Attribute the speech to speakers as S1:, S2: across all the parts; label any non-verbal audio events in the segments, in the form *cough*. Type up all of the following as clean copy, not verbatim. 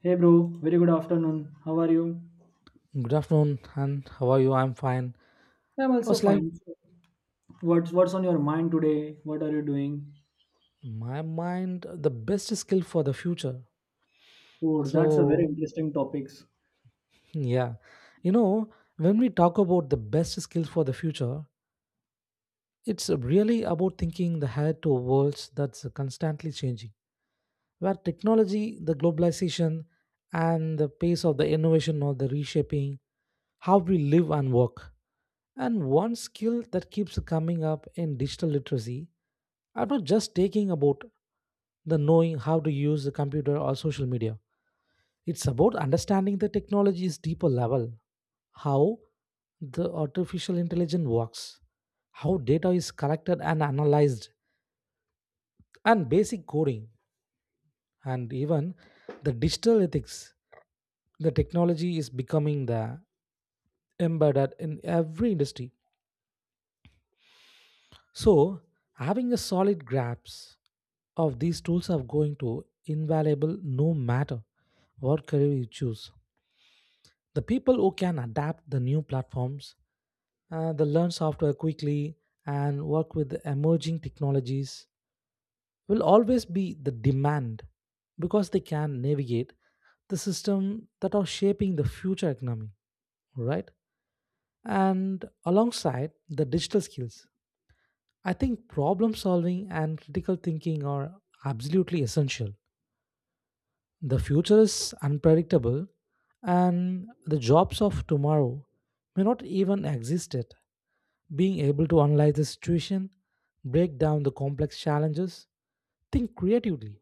S1: Hey bro, very good afternoon. How are you?
S2: Good afternoon, and how are you? I'm fine.
S1: I'm
S2: I
S1: also
S2: was like,
S1: fine. What's on your mind today? What are you doing?
S2: my mind, the best skill for the future.
S1: Oh, that's a very
S2: So,
S1: interesting topics.
S2: yeah, you know, when we talk about the best skill for the future, it's really about thinking the head to a world that's constantly changing, where technology, the globalization, and the pace of the innovation or the reshaping how we live and work. And one skill that keeps coming up in digital literacy, I'm not just taking about than knowing how to use the computer or social media. It's about understanding the technology's deeper level, how the artificial intelligence works, how data is collected and analyzed, and basic coding, and even the digital ethics. The technology is becoming the embedded in every industry. So, having a solid grasp of these tools are going to invaluable no matter what career you choose. The people who can adapt the new platforms, the learn software quickly, and work with the emerging technologies will always be the demand because they can navigate the system that are shaping the future economy, right? And alongside the digital skills, I think problem solving and critical thinking are absolutely essential. The future is unpredictable, and the jobs of tomorrow may not even exist yet. Being able to analyze the situation, break down the complex challenges, think creatively,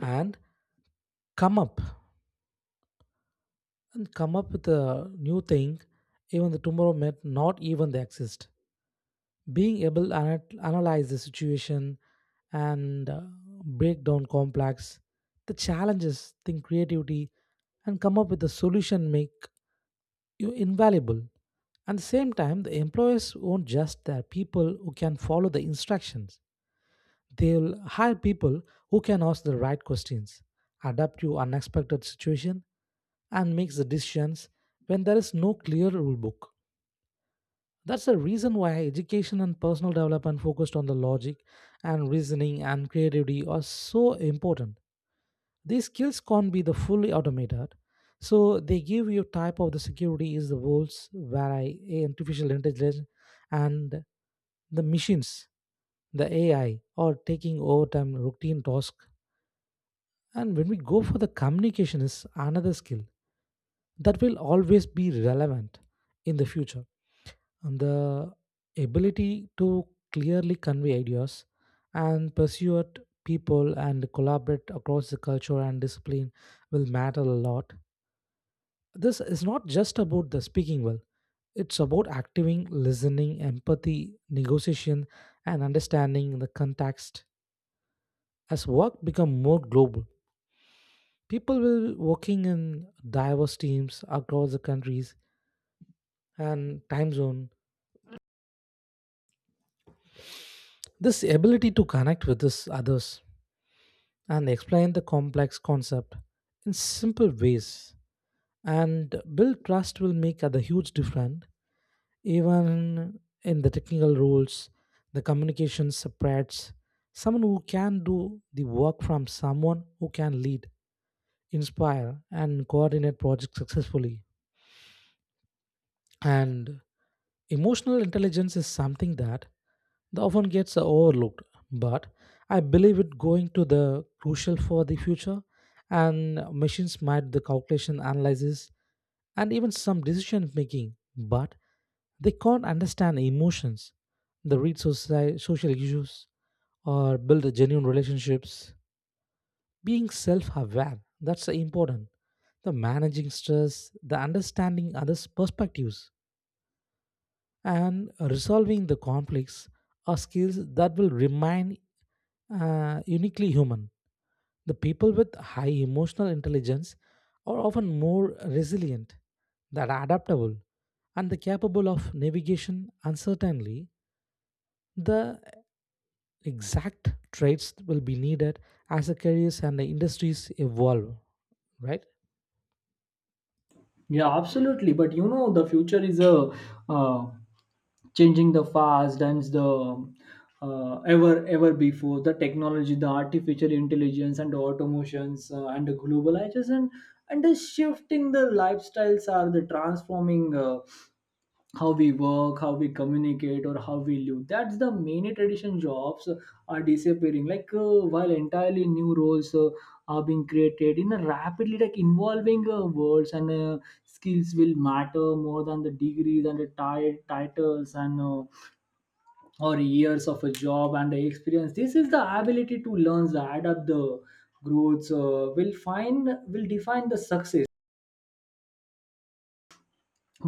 S2: and come up come up with a new thing, even the tomorrow may not even they exist. Being able to analyze the situation and break down complex the challenges, think creativity, and come up with a solution make you invaluable. At the same time, the employers won't just their people who can follow the instructions. They'll hire people who can ask the right questions, adapt to unexpected situation, and make the decisions when there is no clear rule book. That's the reason why education and personal development focused on the logic and reasoning and creativity are so important. These skills can't be the fully automated, so they give you type of the security is the worlds where I artificial intelligence and the machines the AI or taking over time routine tasks. And when we go for the communication is another skill that will always be relevant in the future. And the ability to clearly convey ideas and persuade people and collaborate across the culture and discipline will matter a lot. This is not just about the speaking well. It's about acting, listening, empathy, negotiation, and understanding the context as work become more global. People will working in diverse teams across the countries and time zone. This ability to connect with this others and explain the complex concept in simple ways and build trust will make a huge difference even in the technical roles, the communication separates someone who can do the work from someone who can lead, inspire, and coordinate projects successfully. And emotional intelligence is something that often gets overlooked, but I believe it going to the crucial for the future and machines might the calculation analysis and even some decision making, but they can't understand emotions, the social issues or build genuine relationships. Being self-aware, that's important. The managing stress, the understanding others' perspectives, and resolving the conflicts are skills that will remain uniquely human. The people with high emotional intelligence are often more resilient, that are adaptable, and the capable of navigation uncertainly. The exact traits will be needed as the careers and the industries evolve, right?
S1: Yeah, absolutely. But the future is a uh, changing the fast and the ever before, the technology, the artificial intelligence, and the automations and the globalization and the shifting the lifestyles are the transforming. How we work, how we communicate, or how we live, that's the many tradition jobs are disappearing like, while entirely new roles are being created in a rapidly like involving words, and skills will matter more than the degrees and the titles, and or years of a job and the experience. This is the ability to learn the adapt the growth, will define the success.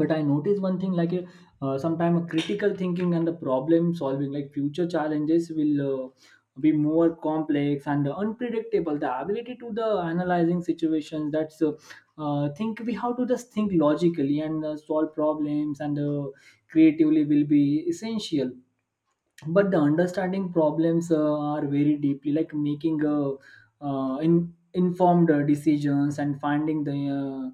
S1: But I notice one thing like a, sometime a critical thinking and the problem solving, like future challenges will be more complex and unpredictable, the ability to the analyzing situations, that's, think we have to just think logically, and solve problems, and creatively will be essential. But the understanding problems are very deeply, like making informed decisions, and finding the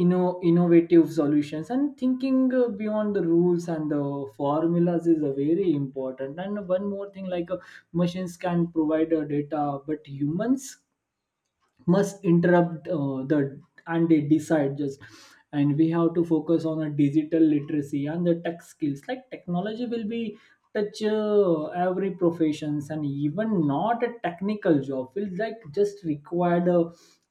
S1: innovative solutions, and thinking beyond the rules and the formulas is a very important. And one more thing, like machines can provide data, but humans must interrupt the, and they decide just. And we have to focus on a digital literacy and the tech skills, like technology will be touch every professions, and even not a technical job will like just require the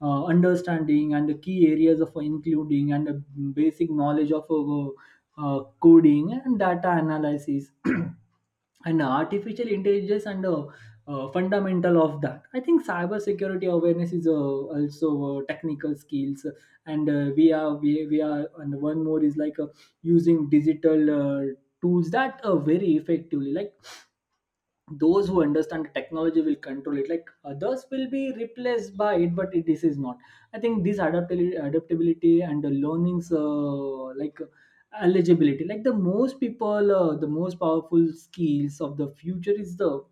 S1: understanding and the key areas of including, and the basic knowledge of coding and data analysis *clears throat* and artificial intelligence, and fundamental of that. I think cyber security awareness is also technical skills. And we are, and one more is like using digital uh, tools that are very effectively, like those who understand the technology will control it, like others will be replaced by it. But this is not, I think, this adaptability and the learnings, like eligibility, like the most people, the most powerful skills of the future is the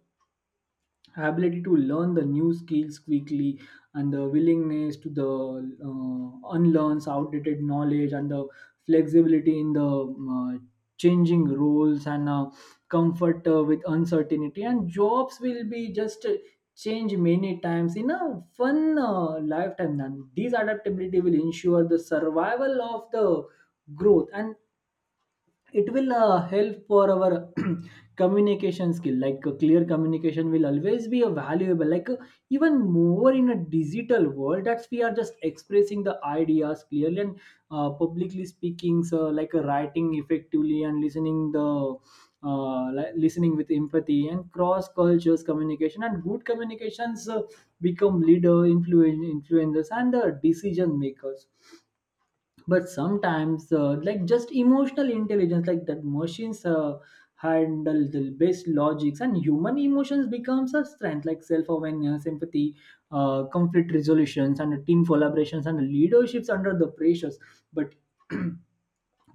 S1: ability to learn the new skills quickly, and the willingness to the unlearns outdated knowledge, and the flexibility in the changing roles, and comfort with uncertainty, and jobs will be just change many times in a fun lifetime, and these adaptability will ensure the survival of the growth, and it will help for our *clears throat* communication skill, like a clear communication will always be a valuable, like even more in a digital world, that's we are just expressing the ideas clearly, and publicly speaking so, like writing effectively, and listening the listening with empathy, and cross cultures communication, and good communications become leader influencers, and decision makers. But sometimes like just emotional intelligence, like that machines handle the best logics, and human emotions becomes a strength, like self-awareness, empathy, conflict resolutions, and team collaborations, and leaderships under the pressures. But *clears throat*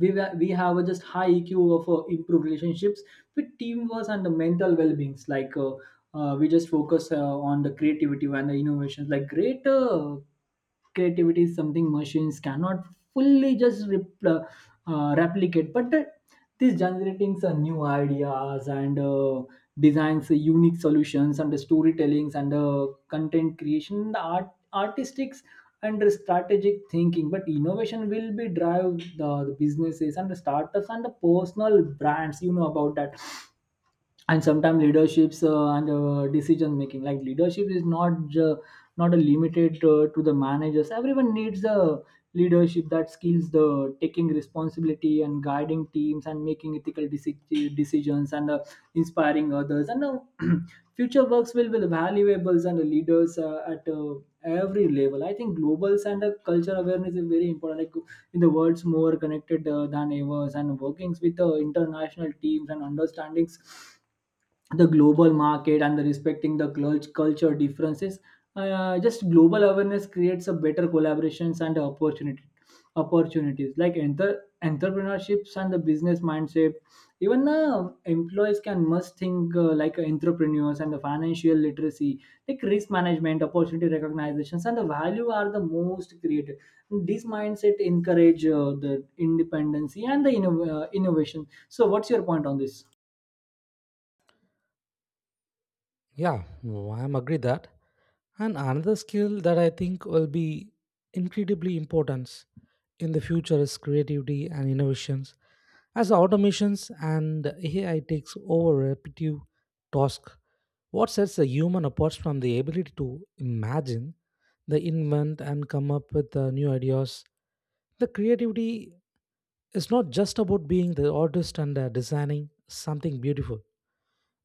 S1: we have a just high EQ of improved relationships with teamwork and the mental well beings. Like we just focus on the creativity and the innovations. Like great, creativity is something machines cannot fully just replicate, but these generating some new ideas, and designs, unique solutions, and the storytellings, and the content creation, the artistic and strategic thinking. But innovation will be drive the businesses, and the startups, and the personal brands. You know about that. And sometimes leaderships, and decision making, like leadership is not a limited to the managers, everyone needs a leadership, that skills the taking responsibility, and guiding teams, and making ethical decisions, and inspiring others, and *clears throat* future works will be valuable, and the leaders at every level. I think globals and culture awareness is very important, like in the world's more connected than ever, and workings with international teams, and understandings the global market, and the respecting the culture differences, just global awareness creates a better collaborations and opportunity opportunities, like enter entrepreneurships and the business mindset. Even employees can must think like entrepreneurs, and the financial literacy, like risk management, opportunity recognitions, and the value are the most created. This mindset encourage the independency, and the innovation. So what's your point on this?
S2: Yeah, well, I am agree that. And another skill that I think will be incredibly important in the future is creativity and innovations. As the automations and AI takes over repetitive tasks, what sets the human apart from the ability to imagine, the invent and come up with new ideas? The creativity is not just about being the artist and designing something beautiful.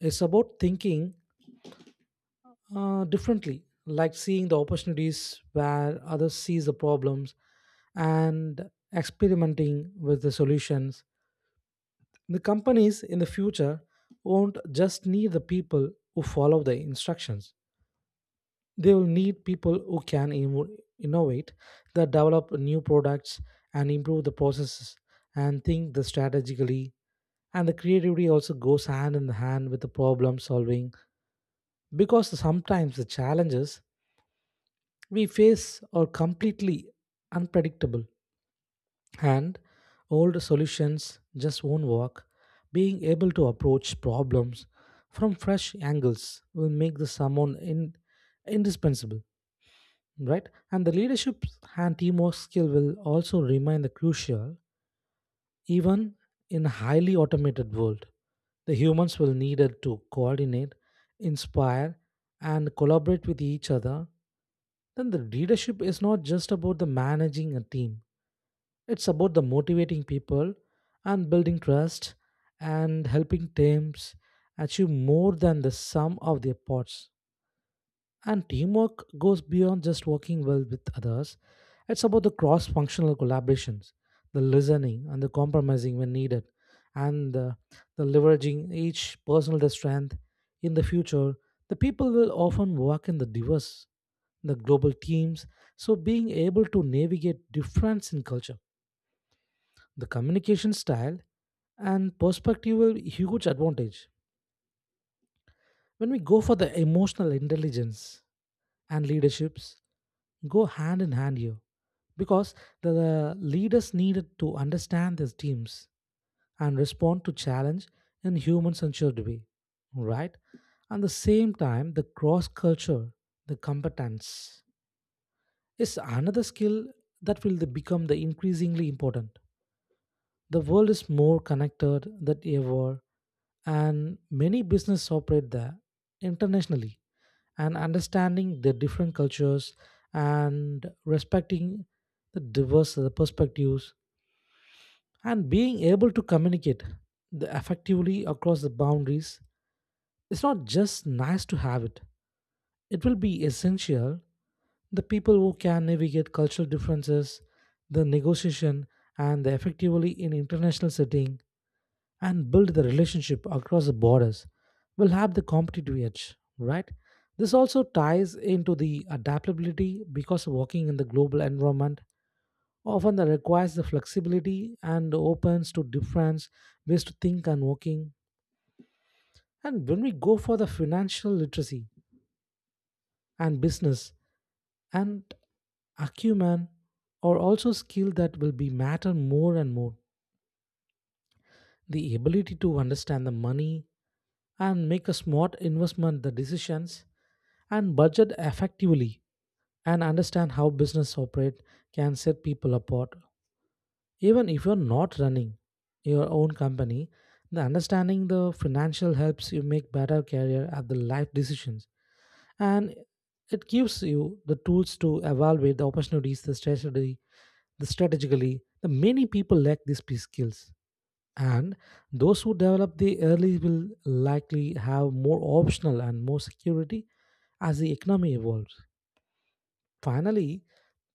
S2: It's about thinking differently, like seeing the opportunities where others sees the problems and experimenting with the solutions. The companies in the future won't just need the people who follow the instructions. They will need people who can innovate, that develop new products and improve the processes and think the strategically. And the creativity also goes hand in hand with the problem solving because sometimes the challenges we face are completely unpredictable and old solutions just won't work. Being able to approach problems from fresh angles will make the someone indispensable, right? And the leadership and teamwork skill will also remain the crucial even in a highly automated world. The humans will need it to coordinate, inspire, and collaborate with each other. Then the leadership is not just about the managing a team. It's about the motivating people and building trust and helping teams achieve more than the sum of their parts. And teamwork goes beyond just working well with others. It's about the cross functional collaborations, the listening and the compromising when needed, and the leveraging each personal strength. In the future, the people will often work in the diverse, the global teams, so being able to navigate difference in culture the communication style and perspective were huge advantage. When we go for the emotional intelligence and leaderships, go hand in hand here because the leaders needed to understand their teams and respond to challenge in human-centered way, right? At the same time, the cross-culture, the competence is another skill that will become the increasingly important. The world is more connected than ever, and many business operate there internationally and understanding the different cultures and respecting the diverse the perspectives and being able to communicate the effectively across the boundaries, it's not just nice to have it, it will be essential. The people who can navigate cultural differences, the negotiation and the effectively in international setting and build the relationship across the borders will have the competitive edge, right? This also ties into the adaptability because working in the global environment often that requires the flexibility and opens to different ways to think and working. And when we go for the financial literacy and business and acumen are also skill that will be matter more and more. The ability to understand the money and make a smart investment the decisions and budget effectively and understand how business operate can set people apart even if you're not running your own company. The understanding the financial helps you make better career at the life decisions, and it gives you the tools to evaluate the opportunities the strategy the strategically. The many people lack these skills, and those who develop the early will likely have more optional and more security as the economy evolves. Finally,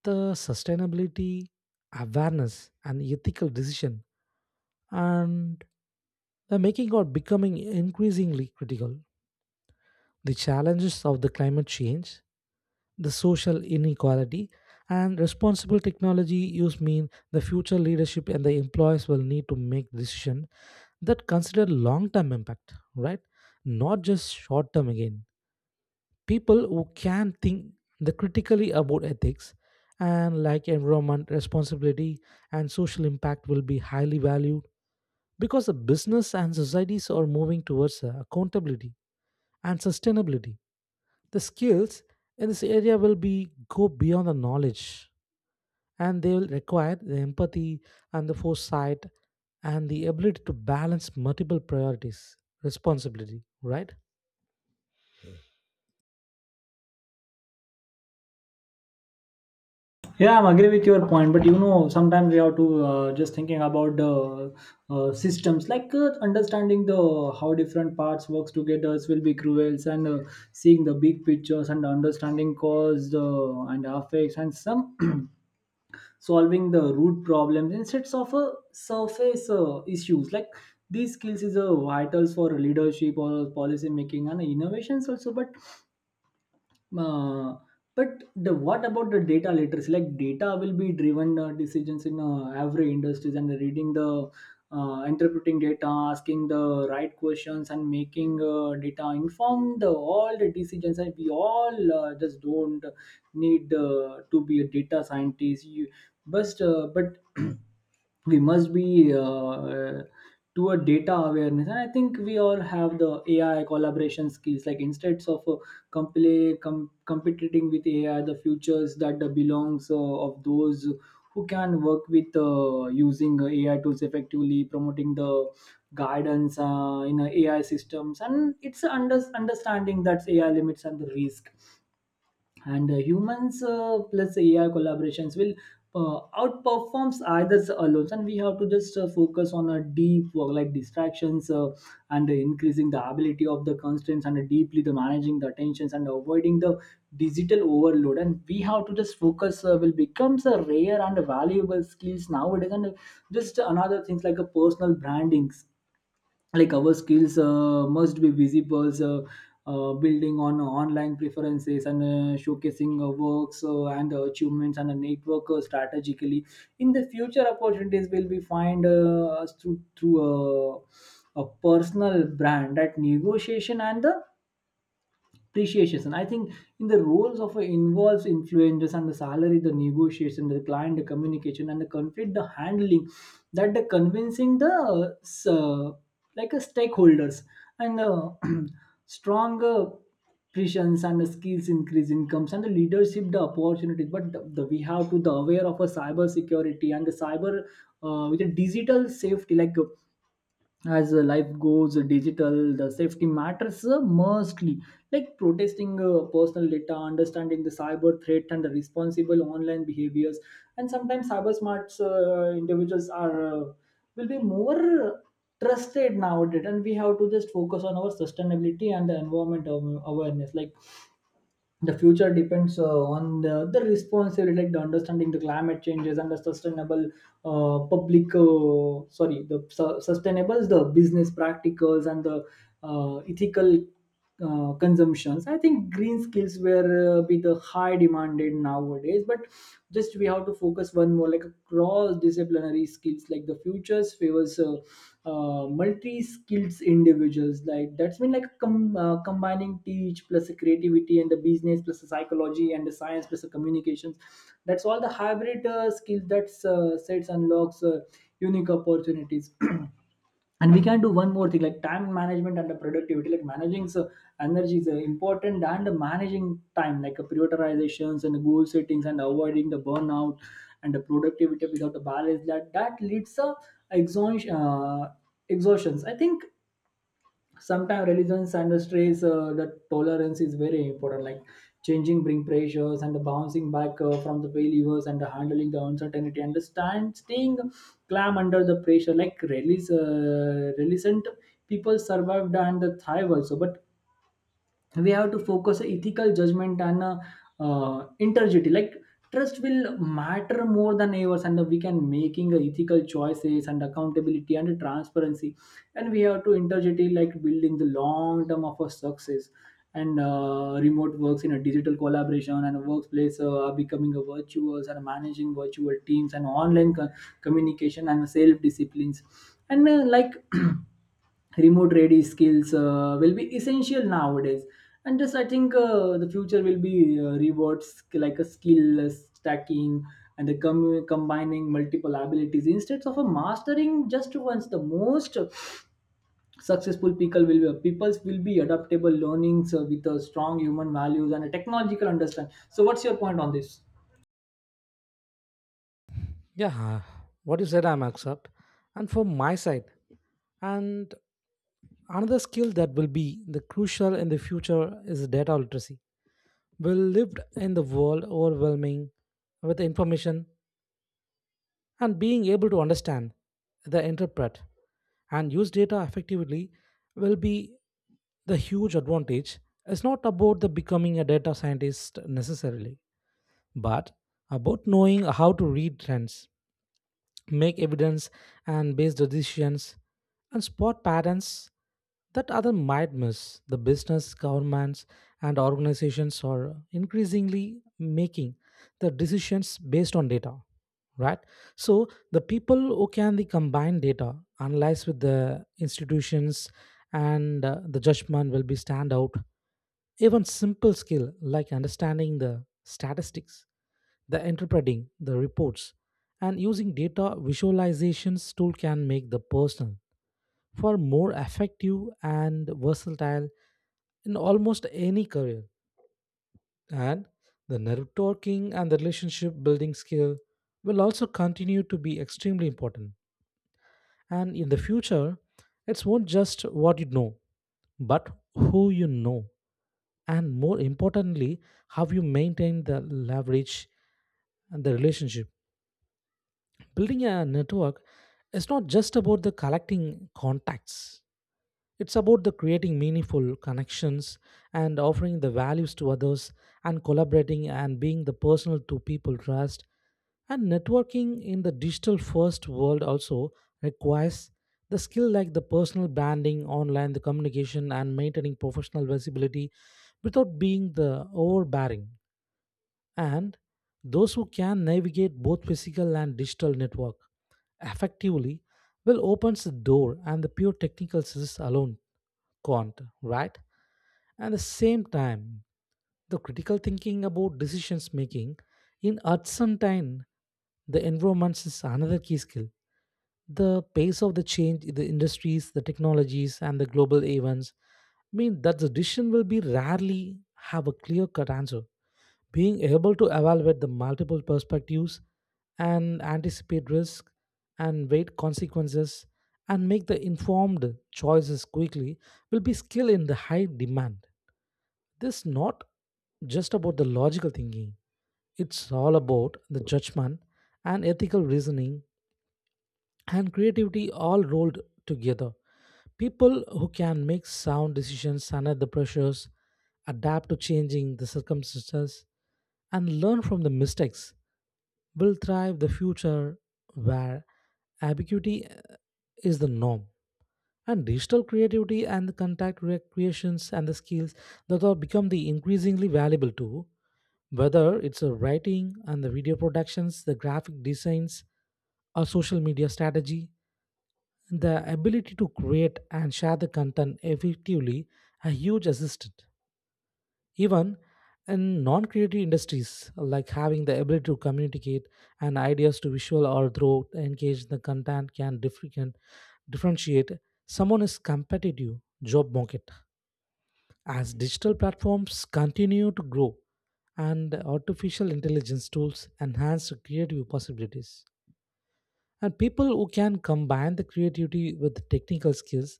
S2: the sustainability awareness and ethical decision and the making are becoming increasingly critical. The challenges of the climate change, the social inequality, and responsible technology use mean the future leadership and the employees will need to make decisions that consider long-term impact, right? Not just short-term again. People who can think the critically about ethics and like environment responsibility and social impact will be highly valued because the business and societies are moving towards accountability and sustainability. The skills in this area will be go beyond the knowledge, and they will require the empathy and the foresight and the ability to balance multiple priorities responsibility, right?
S1: Yeah, I'm agree with your point, but sometimes we have to just thinking about the systems, like understanding the how different parts works together will be cruel, and seeing the big pictures, and understanding cause and effects, and some *clears throat* solving the root problems instead of surface issues. Like these skills is a vitals for leadership or policy making and innovations also. But uh, but the what about the data literacy? Like data will be driven decisions in every industries, and reading the, interpreting data, asking the right questions, and making data informed all the decisions. And we all just don't need to be a data scientist. You, but *clears throat* we must be to a data awareness. And I think we all have the AI collaboration skills, like instead of competing with AI, the futures that belongs of those who can work with, using AI tools effectively, promoting the guidance in AI systems, and it's understanding that AI limits and the risk. And humans plus AI collaborations will outperforms either alone. And we have to just focus on a deep work, like distractions, and increasing the ability of the constraints, and deeply the managing the attentions, and avoiding the digital overload, and we have to just focus will becomes a rare and valuable skills nowadays. And just another things, like a personal branding, like our skills must be visible, building on online preferences, and showcasing works, and achievements, and a network strategically in the future opportunities will be find us through a personal brand. That negotiation and the appreciation, I think, in the roles of involves influencers, and the salary the negotiation, the client the communication, and the conflict the handling, that the convincing the like a stakeholders, and *clears throat* stronger presence, and the skills increase incomes, and the leadership the opportunities. But we have to the aware of a cyber security and the cyber, with a digital safety, like as life goes digital, the safety matters mostly, like protesting personal data, understanding the cyber threat, and the responsible online behaviors. And sometimes cyber smart individuals are will be more trusted nowadays. And we have to just focus on our sustainability and the environment awareness, like the future depends on the responsibility, like the understanding the climate changes, and the sustainable public sorry the su- sustainable the business practicals, and the ethical consumptions. I think green skills were be the high demanded nowadays. But just we have to focus one more, like a cross disciplinary skills, like the futures favors multi-skilled individuals, like that's been like combining teach plus a creativity, and the business plus the psychology, and the science plus the communications, that's all the hybrid skills that sets unlocks, unique opportunities. *clears throat* And we can do one more thing, like time management and the productivity, like managing so energy is important, and managing time, like prioritizations, and goal settings, and avoiding the burnout, and the productivity without the balance, that leads to exhaustion. Exhaustions. I think sometimes religions and the stress the tolerance is very important, like changing bring pressures and the bouncing back from the failures and the handling the uncertainty and the stand staying calm under the pressure, like release resilient people survived and thrive also. But we have to focus on ethical judgment and integrity, like trust will matter more than ever, and we can making ethical choices and accountability and transparency, and we have to interject like building the long term of our success. And remote works in a digital collaboration and a workplace are becoming a virtuous, and managing virtual teams and online communication and self disciplines and like *clears throat* remote ready skills will be essential nowadays. And just I think the future will be rewards like a skill stacking and the combining multiple abilities instead of a mastering just once. The most successful peoples will be adaptable learnings with a strong human values and a technological understand. So what's your point on this?
S2: Yeah, what you said I'm accept, and from my side. And another skill that will be the crucial in the future is data literacy. We lived in the world overwhelming with information and being able to understand, the interpret, and use data effectively will be the huge advantage. It's not about the becoming a data scientist necessarily, but about knowing how to read trends, make evidence and based decisions and spot patterns that other might miss. The business, governments, and organizations are increasingly making the decisions based on data, right? So the people who can the combine data, analyze with the institutions, and the judgment will be stand out. Even simple skill like understanding the statistics the interpreting the reports and using data visualizations tool can make the person for more effective and versatile in almost any career. And the networking and the relationship building skill will also continue to be extremely important. And in the future, it's not just what you know, but who you know. And more importantly, how you maintain the leverage and the relationship. Building a network is not just about the collecting contacts. It's about the creating meaningful connections and offering the values to others and collaborating and being the personal to people trust. And networking in the digital first world also requires the skill like the personal branding, online the communication and maintaining professional visibility without being the overbearing. And those who can navigate both physical and digital network effectively well opens the door and the pure technical skills alone can't, right? At the same time, the critical thinking about decisions making in uncertain the environments is another key skill. The pace of the change in the industries, the technologies, and the global events mean that the decision will be rarely have a clear cut answer. Being able to evaluate the multiple perspectives and anticipate risk and weight consequences and make the informed choices quickly will be skill in the high demand. This is not just about the logical thinking. It's all about the judgment and ethical reasoning and creativity all rolled together. People who can make sound decisions under the pressures, adapt to changing the circumstances, and learn from the mistakes will thrive the future where ambiguity is the norm, and digital creativity and the contact recreations and the skills that are become the increasingly valuable too, whether it's a writing and the video productions, the graphic designs, or social media strategy. The ability to create and share the content effectively a huge assistant, even in non creative industries, like having the ability to communicate and ideas to visual or through engage the content can differentiate someone is competitive job market. As digital platforms continue to grow and artificial intelligence tools enhance creative possibilities. And people who can combine the creativity with technical skills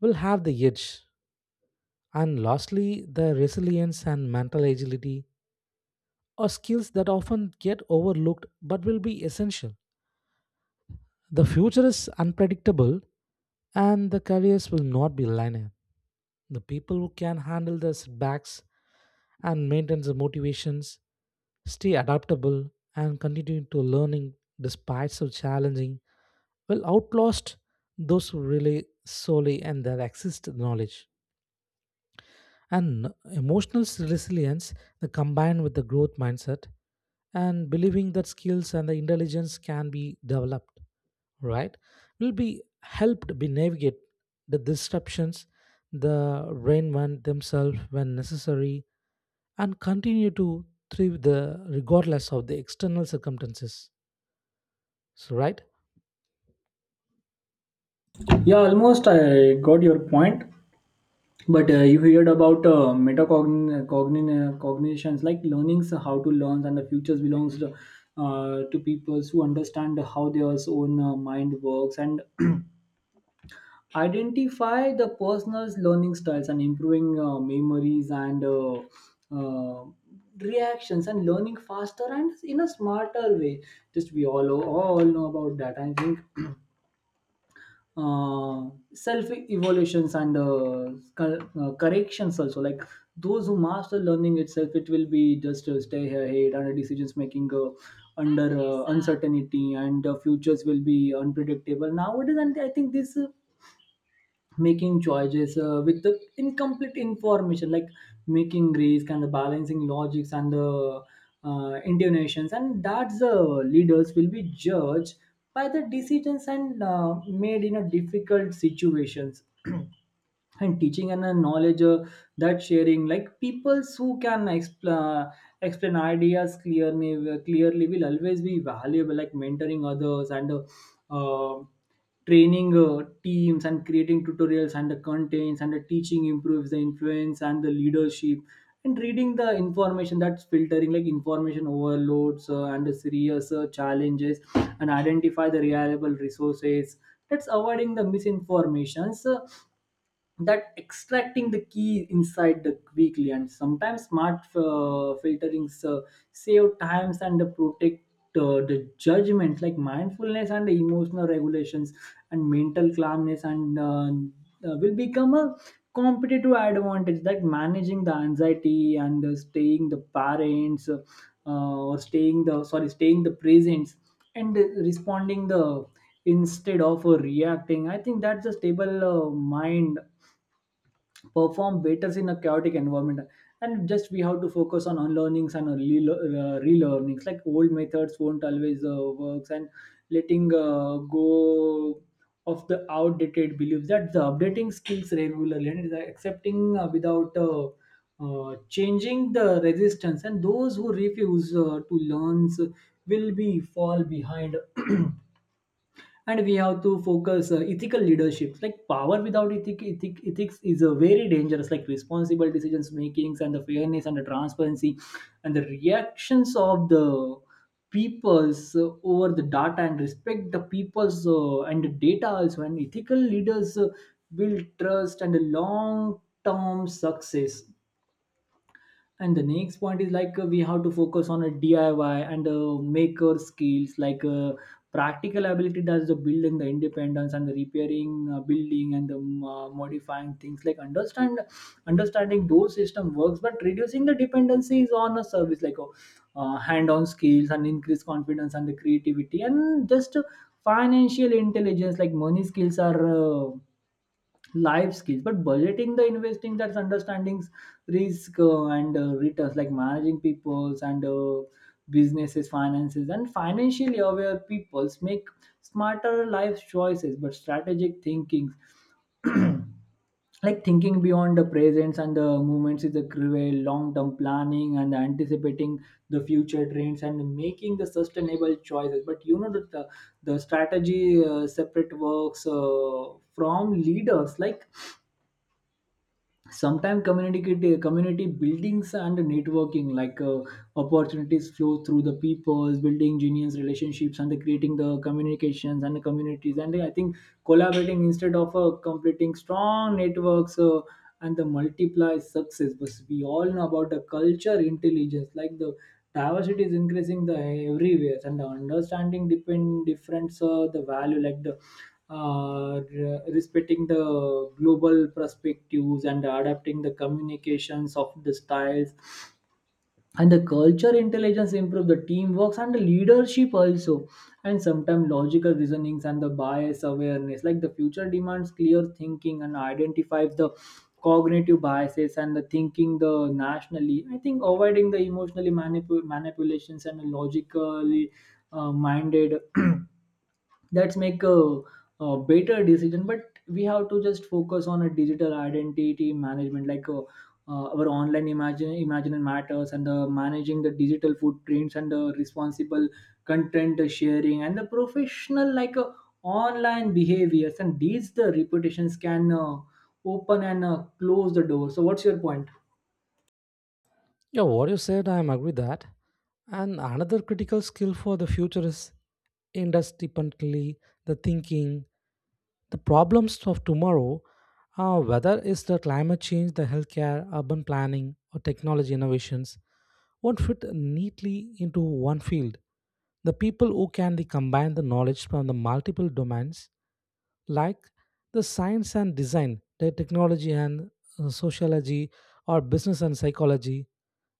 S2: will have the edge. And lastly, the resilience and mental agility or skills that often get overlooked but will be essential. The future is unpredictable and the careers will not be linear. The people who can handle the setbacks and maintain the motivations, stay adaptable, and continue to learning despite so challenging will outlast those who rely solely on their exist knowledge. And emotional resilience, the combined with the growth mindset and believing that skills and the intelligence can be developed, right, will be helped be navigate the disruptions, the rainman themselves when necessary, and continue to thrive the regardless of the external circumstances. So, right?
S1: Yeah, almost I got your point. But you heard about metacognition, cognitions, like learnings, how to learn, and the futures belongs to people who understand how their own mind works and *clears throat* identify the personal's learning styles and improving memories and uh, reactions and learning faster and in a smarter way. Just we all know about that. I think self evolutions and corrections also, like those who master learning itself, it will be just stay ahead. And decisions making under uncertainty, and futures will be unpredictable nowadays. And I think this making choices with the incomplete information, like making risk and the balancing logics and the intonations, and that's the leaders will be judged by the decisions and made in a difficult situations. *clears throat* And teaching and knowledge that sharing, like people who can explain ideas clearly will always be valuable, like mentoring others and uh, training teams and creating tutorials and the contents, and the teaching improves the influence and the leadership. And reading the information, that's filtering, like information overloads and the serious challenges, and identify the reliable resources, that's avoiding the misinformations, that extracting the key inside the quickly. And sometimes smart filterings save times and protect the judgment, like mindfulness and emotional regulations and mental calmness and will become a competitive advantage, like managing the anxiety and staying the parents or staying the, sorry, staying the presence and responding the instead of reacting. I think that's a stable mind perform better in a chaotic environment. And just we have to focus on unlearnings and relearnings, like old methods won't always works, and letting go of the outdated beliefs, that the updating skills regularly and the accepting without changing the resistance, and those who refuse to learn will be fall behind. *clears throat* And we have to focus ethical leadership, like power without ethics is a very dangerous, like responsible decisions makings and the fairness and the transparency and the reactions of the peoples over the data, and respect the peoples and the data also, and ethical leaders build trust and a long term success. And the next point is like we have to focus on a DIY and maker skills, like practical ability does the building the independence and the repairing building and the modifying things, like understanding those system works but reducing the dependencies on a service, like hand-on skills and increase confidence and the creativity. And just financial intelligence, like money skills are life skills, but budgeting the investing, that's understanding risk and returns, like managing people's and businesses finances, and financially aware peoples make smarter life choices. But strategic thinking, like thinking beyond the presence and the movements is a cruel long-term planning and anticipating the future trends and making the sustainable choices. But you know that the strategy separate works from leaders. Like sometimes community buildings and networking, like opportunities flow through the peoples building genius relationships and the creating the communications and the communities. And I think collaborating instead of completing strong networks and the multiply success. But we all know about the culture intelligence, like the diversity is increasing the everywhere and the understanding depend difference the value, like the respecting the global perspectives and adapting the communications of the styles, and the culture intelligence improve the teamwork and the leadership also. And sometimes logical reasonings and the bias awareness, like the future demands clear thinking and identifies the cognitive biases and the thinking the nationally. I think avoiding the emotionally manipulations and the logically minded *clears throat* that's make a better decision. But we have to just focus on a digital identity management, like our online imagine matters, and managing the digital footprints and the responsible content sharing and the professional, like online behaviors, and these the reputations can open and close the door. So what's your point?
S2: Yeah, what you said, I am agree that. And another critical skill for the future is independently the thinking. The problems of tomorrow, whether it's the climate change, the healthcare, urban planning, or technology innovations, won't fit neatly into one field. The people who can the combine the knowledge from the multiple domains, like the science and design, the technology and sociology, or business and psychology,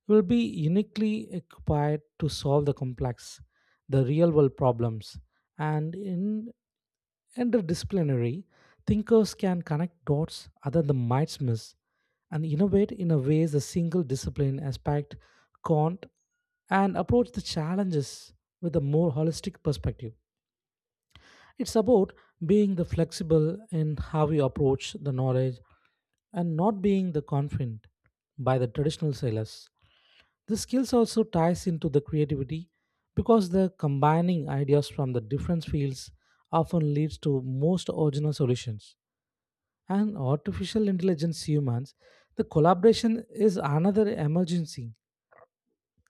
S2: will be uniquely equipped to solve the complex, the real world problems. And in interdisciplinary, thinkers can connect dots other than might miss and innovate in a ways a single discipline aspect can't, and approach the challenges with a more holistic perspective. It's about being the flexible in how you approach the knowledge and not being the confident by the traditional sailors. The skills also ties into the creativity because the combining ideas from the different fields often leads to most original solutions. And artificial intelligence humans, the collaboration is another emergency,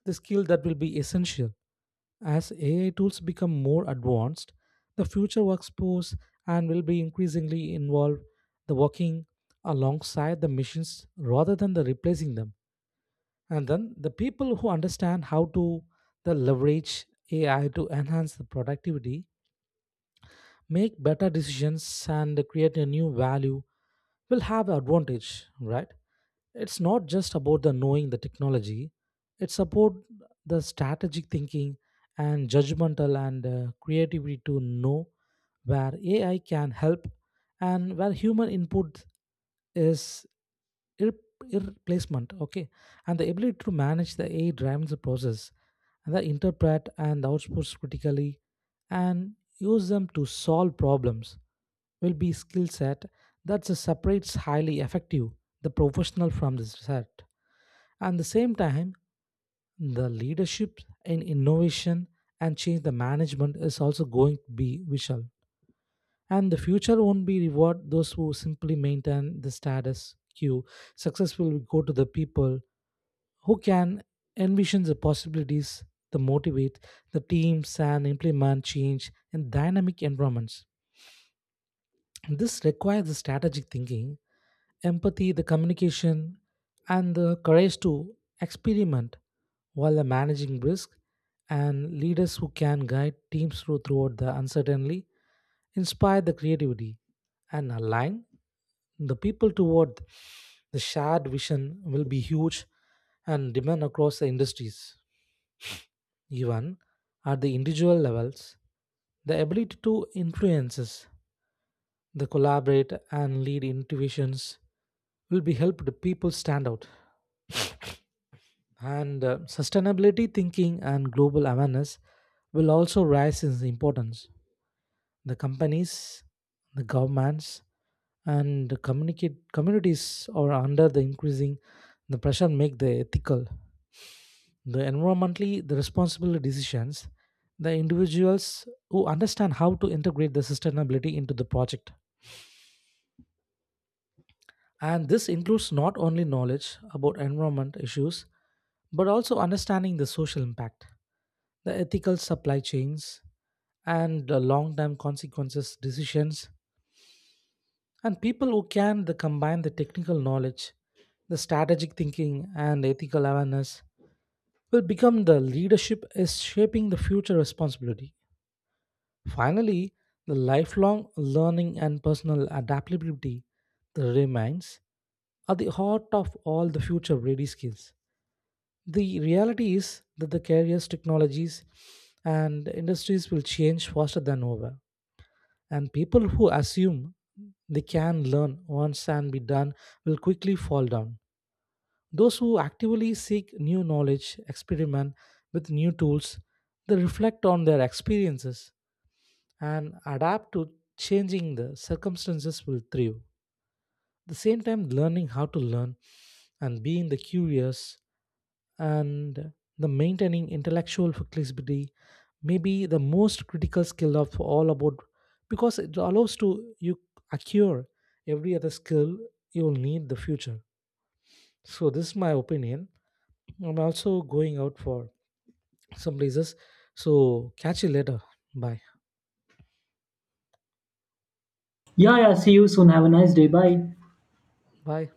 S2: the skill that will be essential as AI tools become more advanced, the future workforce and will be increasingly involved the working alongside the machines rather than the replacing them. And then the people who understand how to the leverage AI to enhance the productivity, make better decisions and create a new value will have advantage, right? It's not just about the knowing the technology, it's about the strategic thinking and judgmental and creativity to know where ai can help and where human input is irre- irreplacement, okay. And the ability to manage the ai drives the process and the interpret and the outputs critically and use them to solve problems will be skill set that separates highly effective the professional from the set. At the same time, the leadership in innovation and change the management is also going to be visual. And the future won't be reward those who simply maintain the status quo. Success will go to the people who can envision the possibilities, the motivate the teams and implement change in dynamic environments. This requires the strategic thinking, empathy, the communication, and the courage to experiment while managing risk, and leaders who can guide teams through throughout the uncertainty, inspire the creativity, and align the people toward the shared vision will be huge and demand across the industries. Even at the individual levels, the ability to influences, the collaborate and lead innovations will be helped people stand out. And sustainability thinking and global awareness will also rise in importance. The companies, the governments, and the communicate communities are under the increasing the pressure make the ethical, the environmentally the responsible decisions. The individuals who understand how to integrate the sustainability into the project. And this includes not only knowledge about environment issues, but also understanding the social impact, the ethical supply chains, and the long term consequences decisions. And people who can the combine the technical knowledge, the strategic thinking, and ethical awareness will become the leadership is shaping the future responsibility. Finally, the lifelong learning and personal adaptability remains are the heart of all the future ready skills. The reality is that the careers, technologies, and industries will change faster than ever, and people who assume they can learn once and be done will quickly fall down. Those who actively seek new knowledge, experiment with new tools, they reflect on their experiences and adapt to changing the circumstances will thrive. At the same time, learning how to learn and being the curious and the maintaining intellectual flexibility may be the most critical skill of all about because it allows to you acquire every other skill you'll need in the future. So this is my opinion. I'm also going out for some places, so catch you later. Bye.
S1: Yeah, yeah, see you soon. Have a nice day. Bye.
S2: Bye.